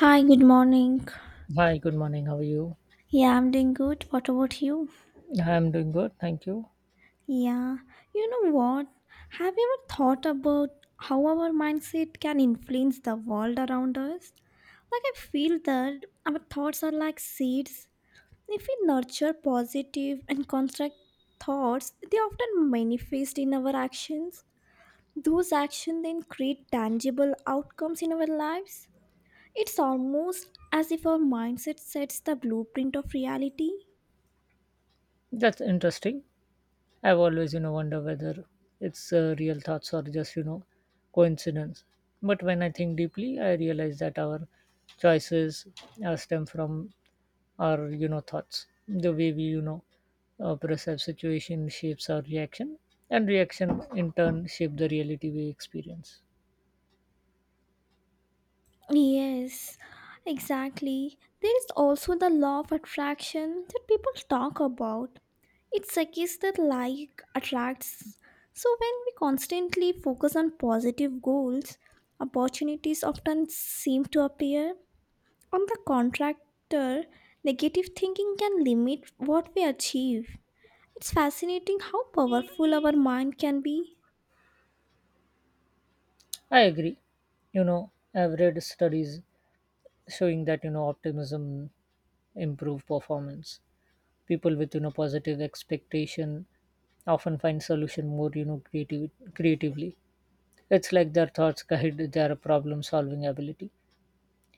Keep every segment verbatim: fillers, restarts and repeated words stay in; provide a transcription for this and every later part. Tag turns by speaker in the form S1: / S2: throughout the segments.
S1: Hi, good morning.
S2: Hi, good morning. How are you?
S1: Yeah, I'm doing good. What about you?
S2: Yeah, I'm doing good, thank you.
S1: Yeah, you know what? Have you ever thought about how our mindset can influence the world around us? Like, I feel that our thoughts are like seeds. If we nurture positive and construct thoughts, they often manifest in our actions. Those actions then create tangible outcomes in our lives. It's almost as if our mindset sets the blueprint of reality.
S2: That's interesting. I've always, you know, wonder whether it's uh, real thoughts or just, you know, coincidence. But when I think deeply, I realize that our choices uh, stem from our, you know, thoughts. The way we, you know, uh, perceive situation shapes our reaction, and reaction in turn shape the reality we experience.
S1: Yes, exactly. There is also the law of attraction that people talk about. It suggests that like attracts. So when we constantly focus on positive goals, opportunities often seem to appear. On the contractor, negative thinking can limit what we achieve. It's fascinating how powerful our mind can be.
S2: I agree. You know, I've read studies showing that you know optimism improve performance, people with you know positive expectation often find solution more you know creative creatively. It's like their thoughts guide their problem solving ability,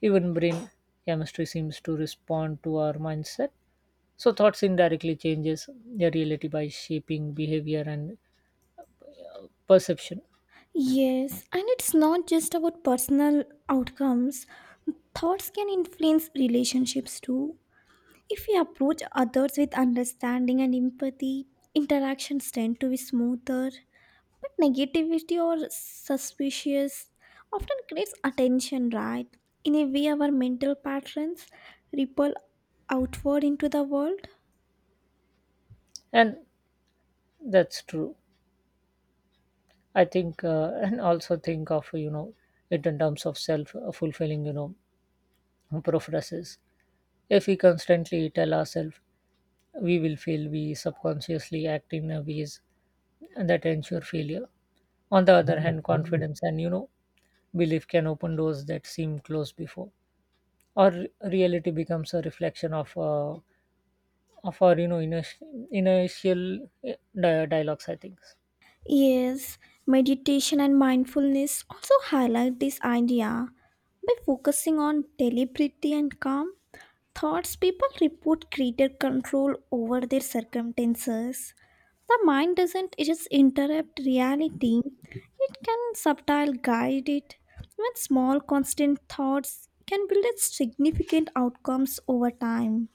S2: even brain chemistry seems to respond to our mindset. So thoughts indirectly changes their reality by shaping behavior and perception,
S1: Yes, and it's not just about personal outcomes. Thoughts can influence relationships too. If we approach others with understanding and empathy, interactions tend to be smoother. But negativity or suspicious often creates attention, right? In a way, our mental patterns ripple outward into the world.
S2: and that's true. I think uh, and also think of you know it in terms of self fulfilling you know processes. If we constantly tell ourselves we will fail, we subconsciously act in a ways that ensure failure. On the other hand, confidence and you know belief can open doors that seem closed before. Or reality becomes a reflection of uh, of our you know initial, initial eh, di- dialogues, I think.
S1: Yes, meditation and mindfulness also highlight this idea. By focusing on deliberate and calm thoughts, people report greater control over their circumstances. The mind doesn't just interrupt reality, it can subtile guide it. Even small constant thoughts can build significant outcomes over time.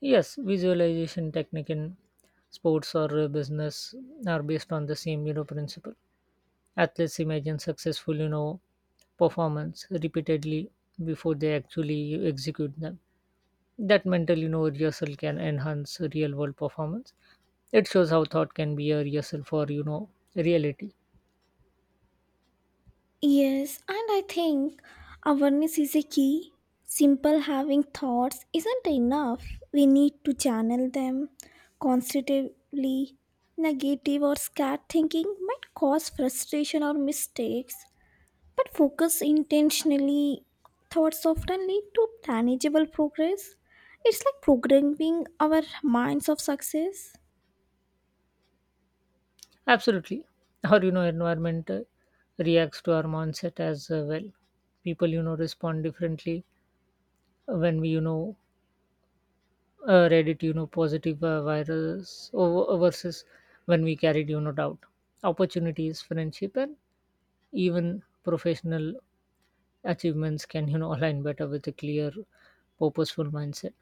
S2: Yes, visualization technique in sports or uh, business are based on the same you know principle. Athletes imagine successful you know performance repeatedly before they actually execute them. That mental you know rehearsal can enhance real world performance. It shows how thought can be a rehearsal for you know reality.
S1: Yes, and I think awareness is a key. Simple having thoughts isn't enough. We need to channel them constructively. Negative or scared thinking might cause frustration or mistakes, but focus intentionally. Thoughts often lead to tangible progress. It's like programming our minds of success.
S2: Absolutely, our you know environment uh, reacts to our mindset as uh, well. People you know respond differently when we you know uh, read it, you know positive uh, virus over, versus when we carried you know doubt. Opportunities, friendship, and even professional achievements can you know align better with a clear purposeful mindset.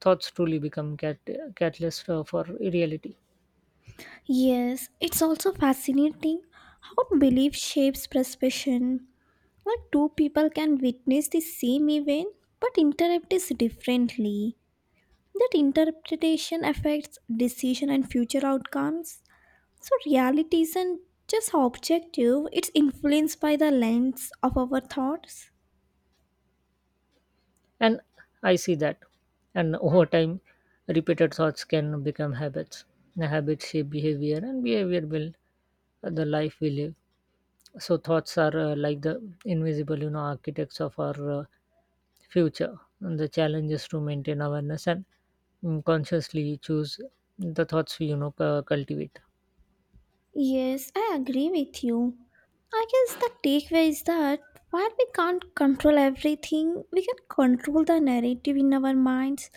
S2: Thoughts truly become cat- catalyst uh, for reality,
S1: Yes, it's also fascinating how belief shapes perception. Like two people can witness the same event but interpret it differently. That interpretation affects decision and future outcomes. So reality isn't just objective, it's influenced by the lens of our thoughts.
S2: and I see that. And over time repeated thoughts can become habits. The habits shape behavior and behavior build the life we live. So thoughts are uh, like the invisible you know architects of our uh, future, and the challenge is to maintain awareness and, mm, consciously choose the thoughts we you know cu- cultivate.
S1: Yes, I agree with you. I guess the takeaway is that while we can't control everything, we can control the narrative in our minds.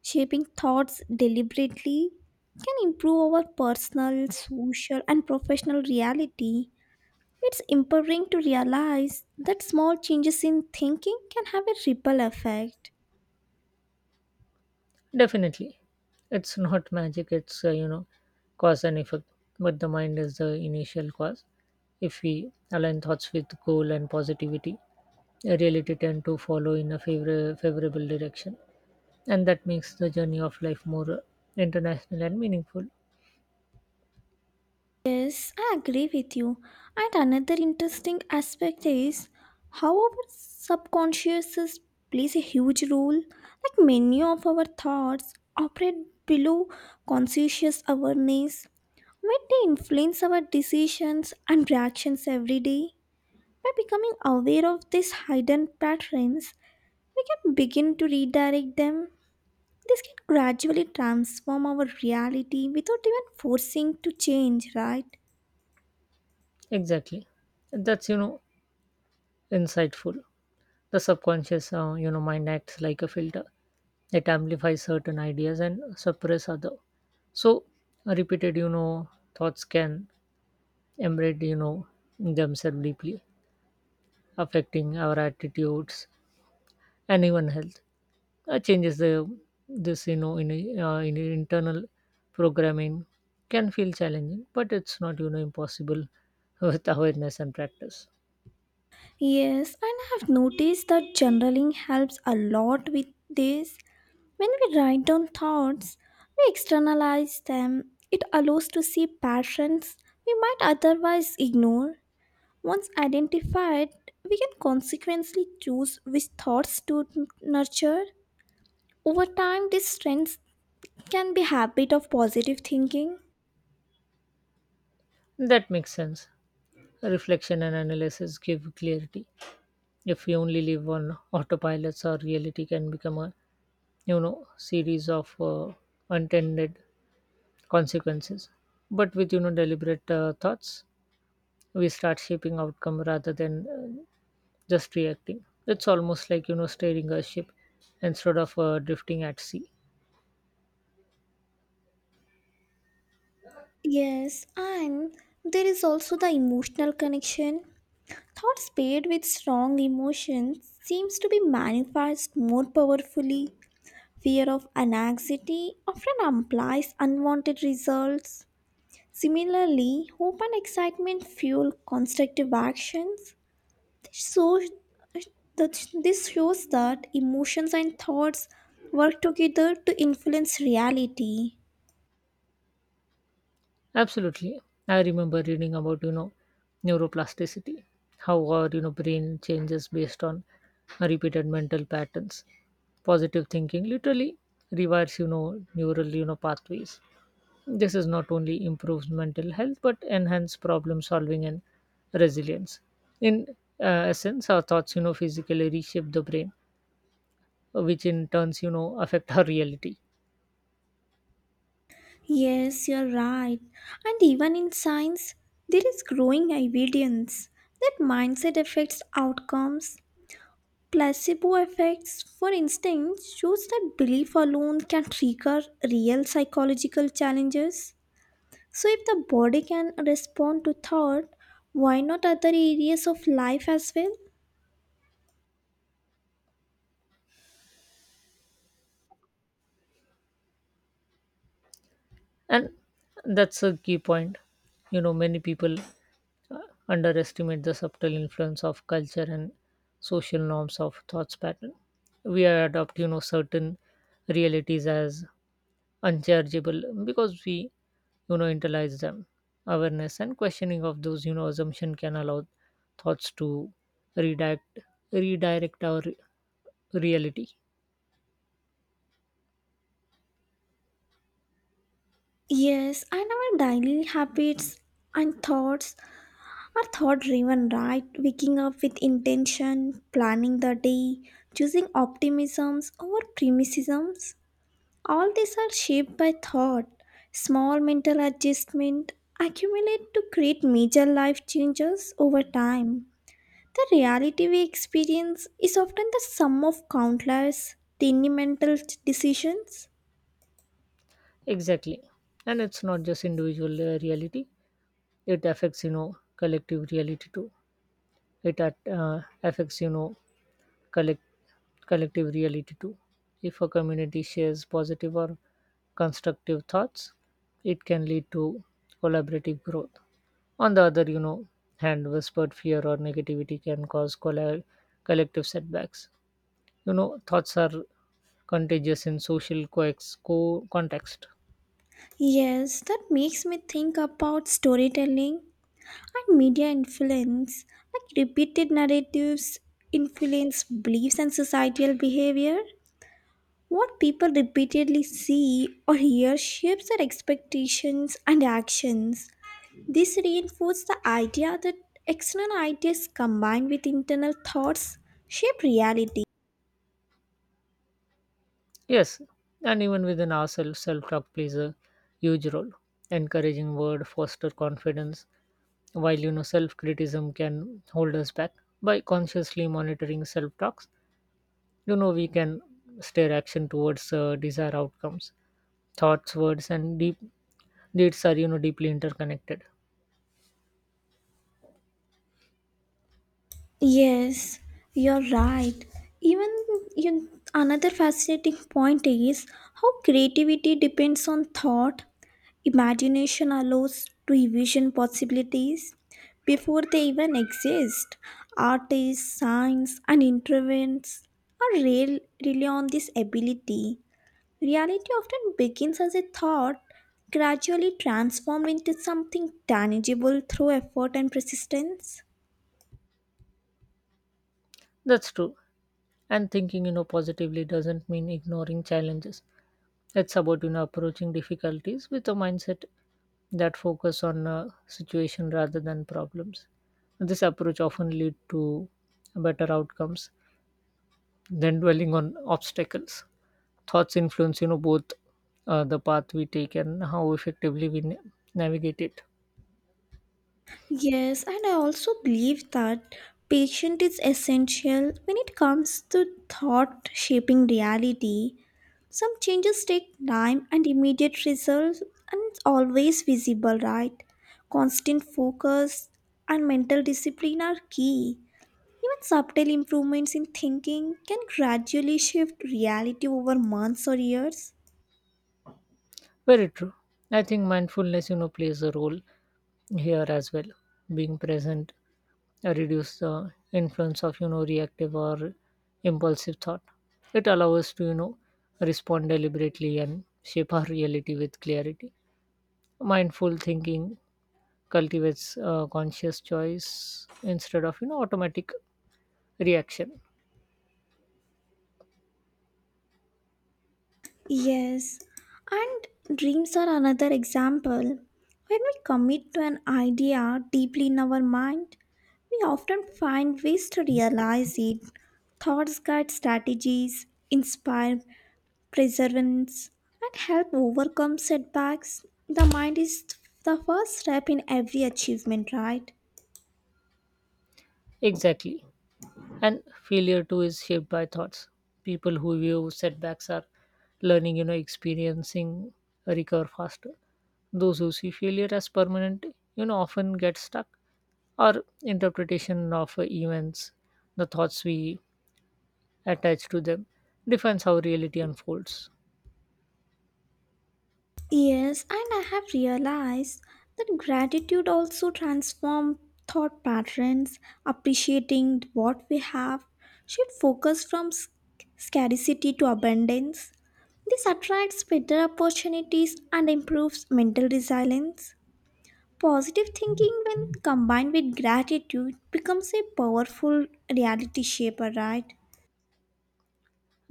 S1: Shaping thoughts deliberately can improve our personal, social, and professional reality. It's empowering to realize that small changes in thinking can have a ripple effect.
S2: Definitely. It's not magic, it's, uh, you know, cause and effect. But the mind is the initial cause. If we align thoughts with goal and positivity, reality tend to follow in a favor- favorable direction. And that makes the journey of life more uh, international and meaningful.
S1: Yes, I agree with you. And another interesting aspect is how our subconscious is- plays a huge role. Like many of our thoughts operate below conscious awareness, where they influence our decisions and reactions every day. By becoming aware of these hidden patterns, we can begin to redirect them. This can gradually transform our reality without even forcing to change, right?
S2: Exactly. That's, you know, insightful. The subconscious, uh, you know, mind acts like a filter. It amplifies certain ideas and suppress other. So, repeated, you know, thoughts can embed you know themselves deeply, affecting our attitudes and even health. Uh, changes the this, you know in, uh, in internal programming, can feel challenging, but it's not you know impossible with awareness and practice.
S1: Yes, and I have noticed that journaling helps a lot with this. When we write down thoughts, we externalize them. It allows to see patterns we might otherwise ignore. Once identified, we can consequently choose which thoughts to nurture. Over time, these strengths can be habit of positive thinking.
S2: That makes sense. Reflection and analysis give clarity. If we only live on autopilots, our reality can become a you know series of uh, unintended consequences. But with you know deliberate uh, thoughts, we start shaping outcome rather than uh, just reacting. It's almost like you know steering a ship instead of uh, drifting at sea.
S1: Yes, and there is also the emotional connection. Thoughts paired with strong emotions seems to be manifest more powerfully. Fear of anxiety often implies unwanted results. Similarly, hope and excitement fuel constructive actions. This shows, that- this shows that emotions and thoughts work together to influence reality.
S2: Absolutely, I remember reading about you know neuroplasticity, how our you know brain changes based on repeated mental patterns. Positive thinking literally rewires you know neural you know pathways. This is not only improves mental health but enhance problem solving and resilience. In, uh, essence, our thoughts, you know, physically reshape the brain, which in turns, you know, affect our reality.
S1: Yes, you're right. And even in science, there is growing evidence that mindset affects outcomes. Placebo effects, for instance, shows that belief alone can trigger real psychological challenges. So, if the body can respond to thought, why not other areas of life as well?
S2: And that's a key point. You know, many people uh, underestimate the subtle influence of culture and social norms of thoughts pattern. We adopt, you know, certain realities as unchargeable because we you know internalize them. Awareness and questioning of those you know assumption can allow thoughts to redirect redirect our re- reality.
S1: Yes, and our daily habits and thoughts are thought driven, right? Waking up with intention, planning the day, choosing optimisms over pessimisms, all these are shaped by thought. Small mental adjustment accumulate to create major life changes over time. The reality we experience is often the sum of countless tiny mental decisions.
S2: Exactly, and it's not just individual uh, reality. It affects you know collective reality too. It at, uh, affects, you know collect collective reality too. If a community shares positive or constructive thoughts, it can lead to collaborative growth. On the other, you know, hand, whispered fear or negativity can cause colla- collective setbacks. You know, thoughts are contagious in social coex- co- context.
S1: Yes, that makes me think about storytelling and media influence, like repeated narratives, influence beliefs and societal behavior. What people repeatedly see or hear shapes their expectations and actions. This reinforces the idea that external ideas combined with internal thoughts shape reality.
S2: Yes, and even within ourselves, self-talk plays a huge role. Encouraging word foster confidence, while you know self-criticism can hold us back. By consciously monitoring self-talks, you know we can steer action towards uh, desired outcomes. Thoughts, words, and deep deeds are you know deeply interconnected.
S1: Yes, you're right. Even you, another fascinating point is how creativity depends on thought. Imagination allows to envision possibilities before they even exist. Artists, science, and intervents are real, really on this ability. Reality often begins as a thought, gradually transformed into something tangible through effort and persistence.
S2: That's true. And thinking, you know, positively doesn't mean ignoring challenges. It's about, you know, approaching difficulties with a mindset that focus on uh, situation rather than problems. This approach often lead to better outcomes than dwelling on obstacles. Thoughts influence, you know, both uh, the path we take and how effectively we na- navigate it.
S1: Yes, and I also believe that patience is essential when it comes to thought shaping reality. Some changes take time and immediate results and always visible, right? Constant focus and mental discipline are key. Even subtle improvements in thinking can gradually shift reality over months or years.
S2: Very true. I think mindfulness, you know, plays a role here as well. Being present uh, reduce the influence of you know reactive or impulsive thought. It allows us to you know respond deliberately and shape our reality with clarity. Mindful thinking cultivates uh, conscious choice instead of you know automatic reaction.
S1: Yes, and dreams are another example. When we commit to an idea deeply in our mind, we often find ways to realize it. Thoughts guide strategies, inspire perseverance, and help overcome setbacks. The mind is the first step in every achievement, right?
S2: Exactly. And failure too is shaped by thoughts. People who view setbacks are learning, you know experiencing, recover faster. Those who see failure as permanent you know often get stuck. Our interpretation of events, the thoughts we attach to them, defines how reality unfolds.
S1: Yes, and I have realized that gratitude also transforms thought patterns, appreciating what we have should focus from sc- scarcity to abundance. This attracts better opportunities and improves mental resilience. Positive thinking, when combined with gratitude, becomes a powerful reality shaper, right?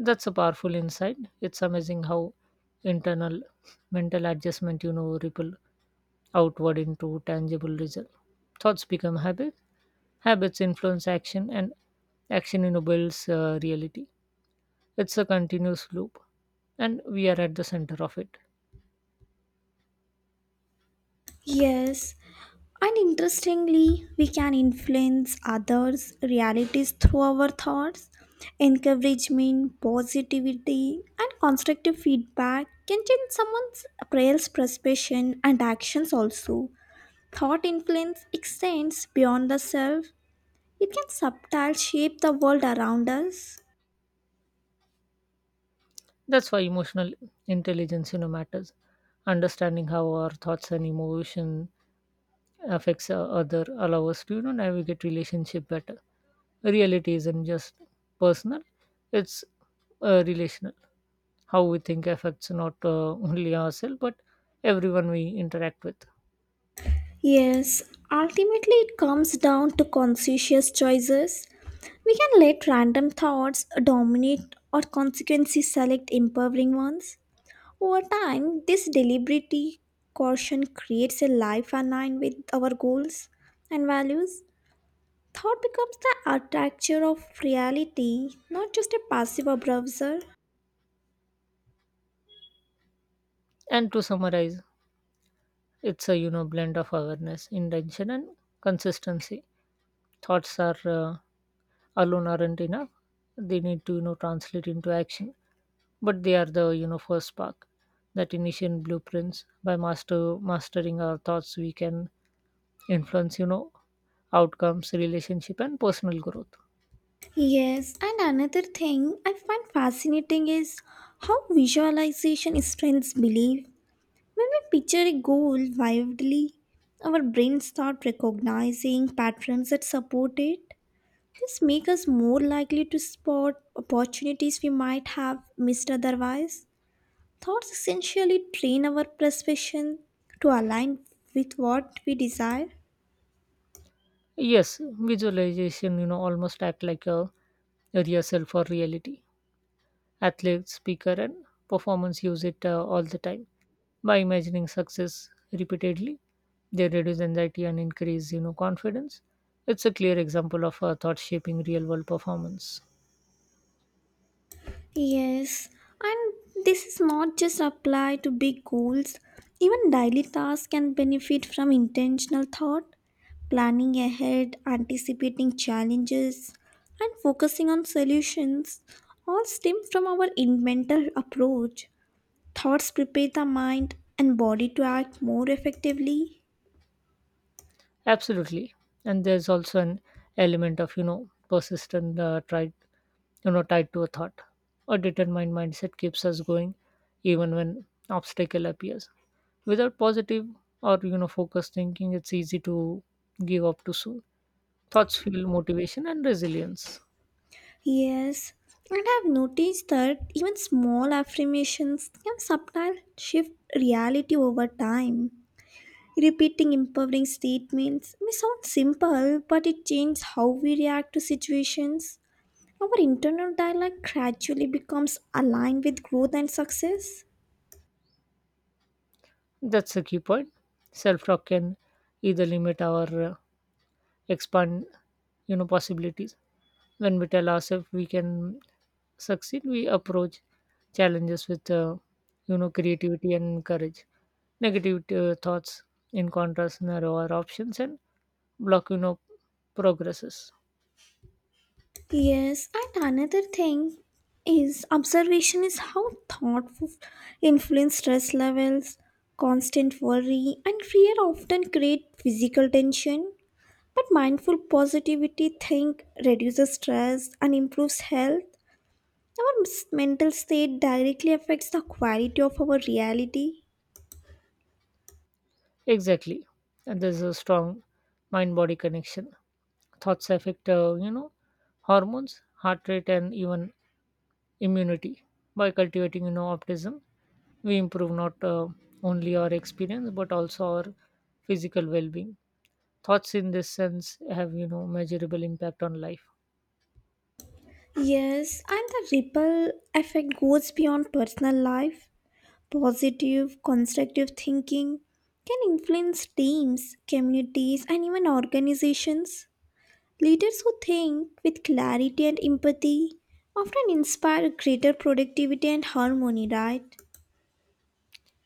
S2: That's a powerful insight. It's amazing how internal mental adjustment you know ripple outward into tangible result. Thoughts become habits, habits influence action, and action enables uh, reality. It's a continuous loop, and we are at the center of it.
S1: Yes, and interestingly, we can influence others' realities through our thoughts. Encouragement, positivity, and constructive feedback can change someone's prayers, perception, and actions also. Thought influence extends beyond the self, it can subtle shape the world around us.
S2: That's why emotional intelligence, you know, matters. Understanding how our thoughts and emotion affects uh, other allow us to you know navigate relationship better. Reality isn't just personal; it's uh, relational. How we think affects not uh, only ourselves but everyone we interact with.
S1: Yes, ultimately it comes down to conscious choices. We can let random thoughts dominate or consequences select empowering ones. Over time, this deliberate caution creates a life aligned with our goals and values. Thought becomes the architecture of reality, not just a passive observer.
S2: And to summarize, it's a you know blend of awareness, intention, and consistency. Thoughts are uh, alone aren't enough; they need to you know translate into action. But they are the you know first spark, that initial blueprints. By master mastering our thoughts, we can influence you know outcomes, relationship, and personal growth.
S1: Yes, and another thing I find fascinating is how visualization strengthens belief. When we picture a goal vividly, our brains start recognizing patterns that support it. This makes us more likely to spot opportunities we might have missed otherwise. Thoughts essentially train our perception to align with what we desire.
S2: Yes, visualization you know almost act like a a real self or reality. Athletes, speaker, and performance use it uh, all the time. By imagining success repeatedly, they reduce anxiety and increase, you know, confidence. It's a clear example of uh, thought shaping real world performance.
S1: Yes, and this is not just apply to big goals. Even daily tasks can benefit from intentional thought, planning ahead, anticipating challenges, and focusing on solutions all stem from our in- mental approach. Thoughts prepare the mind and body to act more effectively.
S2: Absolutely, and there's also an element of you know persistent, uh, tried, you know, tied to a thought. A determined mindset keeps us going, even when obstacle appears. Without positive or you know focused thinking, it's easy to give up too soon. Thoughts fuel motivation and resilience.
S1: Yes, and I've noticed that even small affirmations can subtle shift reality over time. Repeating empowering statements may sound simple, but it changes how we react to situations. Our internal dialogue gradually becomes aligned with growth and success.
S2: That's a key point. Self talk can either limit or uh, expand, you know, possibilities. When we tell ourselves we can succeed, we approach challenges with, uh, you know, creativity and courage. Negative uh, thoughts, in contrast, narrow our options and block, you know, progresses.
S1: Yes, and another thing is observation is how thoughtful influence stress levels, constant worry, and fear often create physical tension. But mindful positivity think reduces stress and improves health. Our s- mental state directly affects the quality of our reality.
S2: Exactly, and there's a strong mind-body connection. Thoughts affect, uh, you know, hormones, heart rate, and even immunity. By cultivating, you know, optimism, we improve not uh, only our experience but also our physical well-being. Thoughts in this sense have, you know, measurable impact on life.
S1: Yes, and the ripple effect goes beyond personal life. Positive, constructive thinking can influence teams, communities, and even organizations. Leaders who think with clarity and empathy often inspire greater productivity and harmony, right?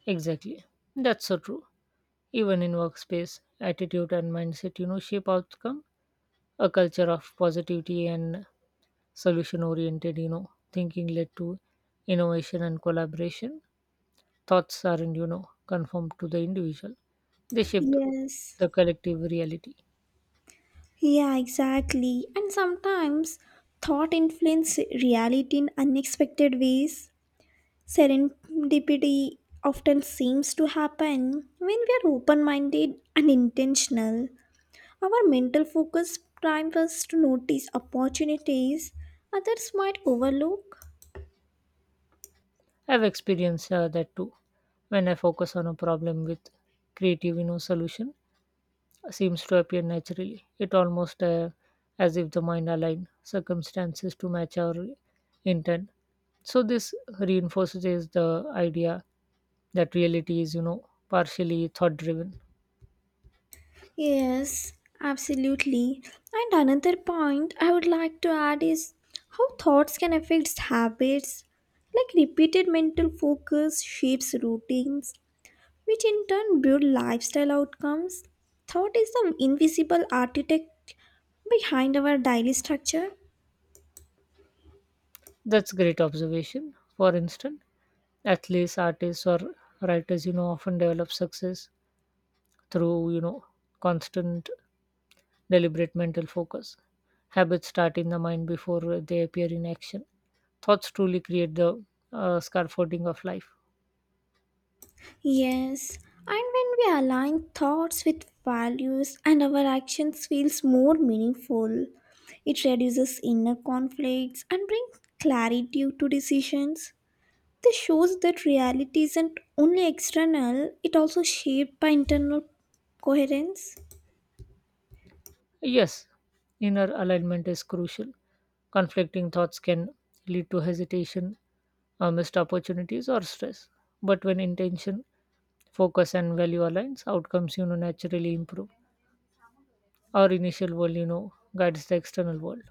S2: Exactly, that's so true. Even in workspace, attitude and mindset, you know, shape outcome. A culture of positivity and solution-oriented, you know, thinking led to innovation and collaboration. Thoughts aren't, you know, conformed to the individual; they shape
S1: Yes.
S2: the collective reality.
S1: Yeah, exactly. And sometimes thought influence reality in unexpected ways. Serendipity often seems to happen when we are open minded and intentional. Our mental focus primes us to notice opportunities others might overlook.
S2: I've experienced uh, that too. When I focus on a problem with creative you know, solution, seems to appear naturally. It almost uh, as if the mind aligned circumstances to match our intent. So this reinforces is the idea that reality is, you know, partially thought driven.
S1: Yes, absolutely. And another point I would like to add is how thoughts can affect habits. Like repeated mental focus shapes routines, which in turn build lifestyle outcomes. Thought is the invisible architect behind our daily structure.
S2: That's great observation. For instance, athletes, artists, or writers, you know, often develop success through, you know, constant deliberate mental focus. Habits start in the mind before they appear in action. Thoughts truly create the uh, scaffolding of life.
S1: Yes, and when we align thoughts with values and our actions feels more meaningful, it reduces inner conflicts and brings clarity to decisions. This shows that reality isn't only external, it also shaped by internal coherence.
S2: Yes, inner alignment is crucial. Conflicting thoughts can lead to hesitation, uh, missed opportunities, or stress. But when intention, focus, and value aligns, outcomes you know naturally improve. Our initial world, you know, guides the external world.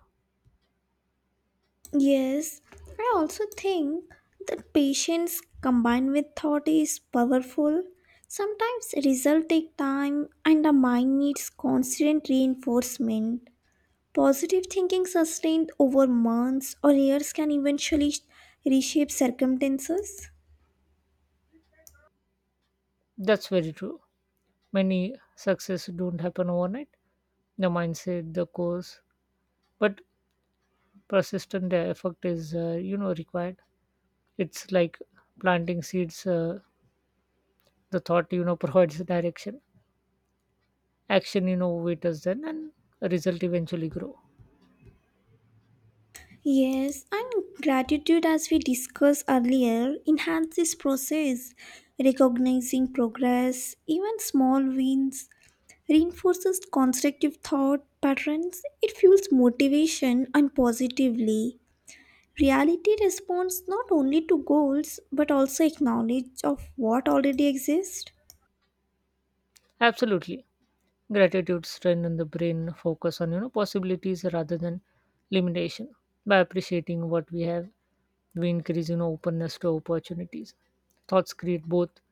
S1: Yes, I also think that patience combined with thought is powerful. Sometimes results take time and the mind needs constant reinforcement. Positive thinking sustained over months or years can eventually sh- reshape circumstances.
S2: That's very true. Many success don't happen overnight. The mindset, the course, but persistent effort is uh, you know required. It's like planting seeds, uh, the thought you know provides the direction, action you know waiters then, and a result eventually grow.
S1: Yes, and gratitude, as we discussed earlier, enhances this process. Recognizing progress, even small wins, reinforces constructive thought patterns, it fuels motivation and positively. Reality responds not only to goals but also acknowledge of what already exists.
S2: Absolutely, gratitude strengthen the brain focus on you know possibilities rather than limitation. By appreciating what we have, we increase you know openness to opportunities. Thoughts create both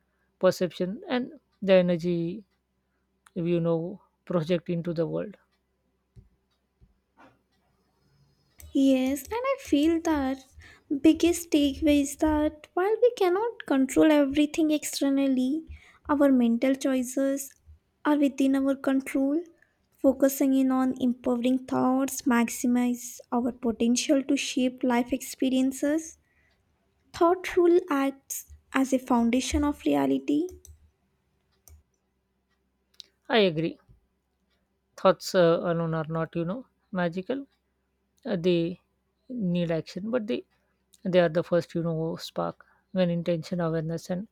S2: perception and the energy we, you know project into the world.
S1: Yes, and I feel that biggest takeaway is that while we cannot control everything externally, our mental choices are within our control. Focusing in on empowering thoughts maximize our potential to shape life experiences. Thoughtful acts as a foundation of reality.
S2: I agree, thoughts uh, alone are not you know magical. Uh, they need action, but they they are the first you know spark. When intention, awareness, and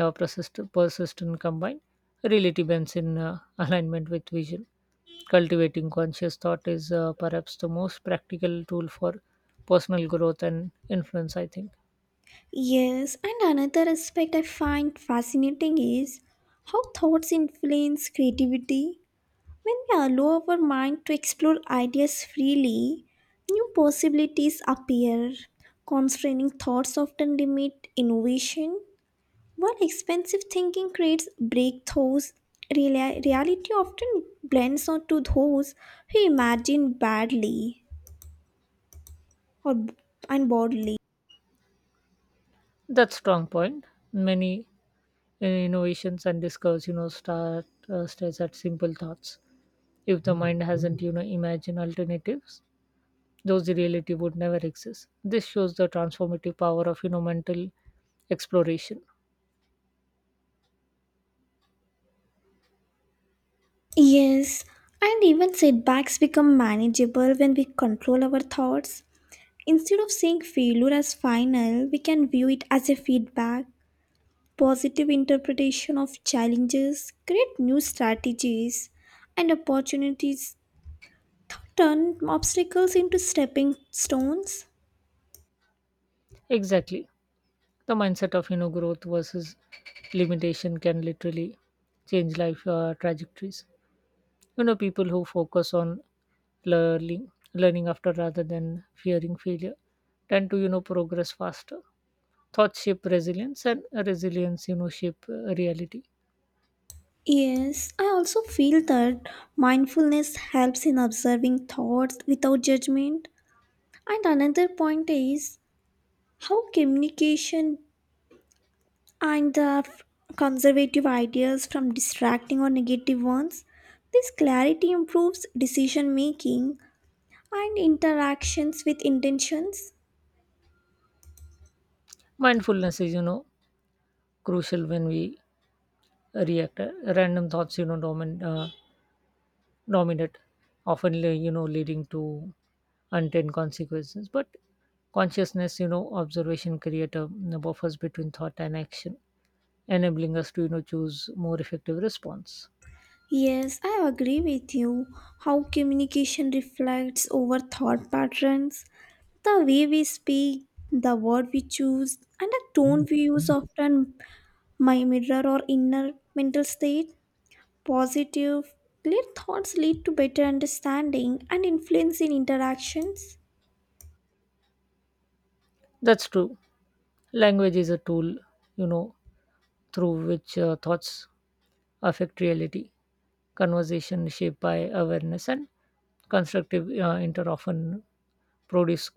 S2: uh, persist- persistent combine, reality bends in uh, alignment with vision. Cultivating conscious thought is uh, perhaps the most practical tool for personal growth and influence, I think.
S1: Yes, and another aspect I find fascinating is how thoughts influence creativity. When we allow our mind to explore ideas freely, new possibilities appear. Constraining thoughts often limit innovation, while expensive thinking creates breakthroughs. Reali- reality often blends onto those who imagine badly or and boldly.
S2: That's strong point. Many uh, innovations and discoveries you know start uh, starts at simple thoughts. If the mind hasn't you know imagined alternatives, those reality would never exist. This shows the transformative power of you know mental exploration.
S1: Yes, and even setbacks become manageable when we control our thoughts. Instead of seeing failure as final, we can view it as a feedback. Positive interpretation of challenges create new strategies and opportunities, turn obstacles into stepping stones.
S2: Exactly, the mindset of you know growth versus limitation can literally change life uh, trajectories. You know, people who focus on learning, learning after rather than fearing failure, tend to you know progress faster. Thoughts shape resilience, and resilience you know shape uh, reality.
S1: Yes, I also feel that mindfulness helps in observing thoughts without judgment. And another point is how communication and the f- conservative ideas from distracting or negative ones. This clarity improves decision making and interactions with intentions.
S2: Mindfulness is you know crucial when we react. Uh, Random thoughts you know dominate. Uh, dominate, often le- you know leading to unintended consequences. But consciousness, you know, observation create a, a buffers between thought and action, enabling us to you know choose more effective response.
S1: Yes, I agree with you. How communication reflects over thought patterns, the way we speak, the word we choose, and the tone we use often my mirror or inner mental state. Positive, clear thoughts lead to better understanding and influence in interactions.
S2: That's true. Language is a tool, you know, through which uh, thoughts affect reality. Conversation shaped by awareness and constructive uh, inter often produce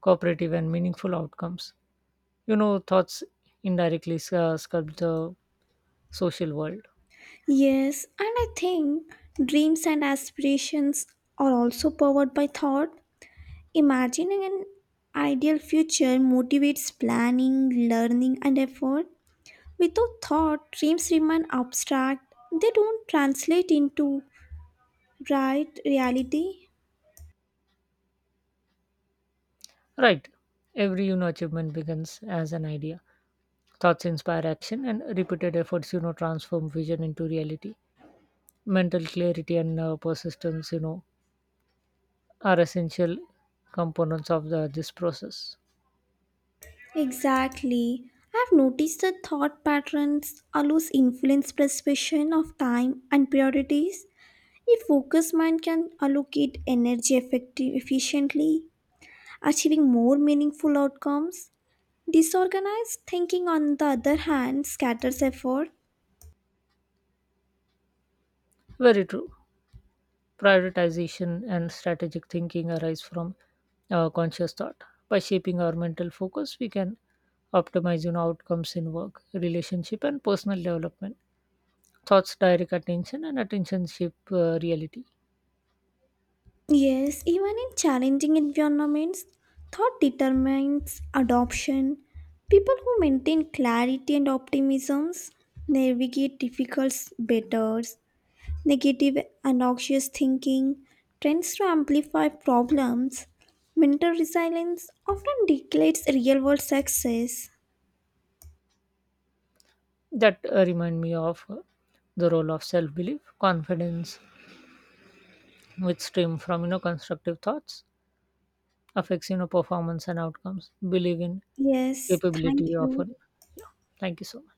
S2: cooperative and meaningful outcomes. You know, thoughts indirectly uh, sculpt the social world.
S1: Yes, and I think dreams and aspirations are also powered by thought. Imagining an ideal future motivates planning, learning, and effort. Without thought, dreams remain abstract, they don't translate into right reality.
S2: Right. Every you know achievement begins as an idea. Thoughts inspire action, and repeated efforts you know transform vision into reality. Mental clarity and uh, persistence you know are essential components of the, this process.
S1: Exactly. I've noticed that thought patterns allows influence perception of time and priorities. A focused mind can allocate energy effective efficiently achieving more meaningful outcomes. Disorganized thinking, on the other hand, scatters effort.
S2: Very true. Prioritization and strategic thinking arise from uh, conscious thought. By shaping our mental focus, we can optimize you know, outcomes in work, relationship, and personal development. Thoughts direct attention, and attention shape uh, reality.
S1: Yes, even in challenging environments, thought determines adoption. People who maintain clarity and optimisms navigate difficult better. Negative and anxious thinking tends to amplify problems. Mental resilience often declares real world success.
S2: That uh, remind me of uh, the role of self-belief, confidence, which stem from you know constructive thoughts, affects you know performance and outcomes. Believe in
S1: Yes, thank
S2: capability
S1: you.
S2: often. Yeah. Thank you so much.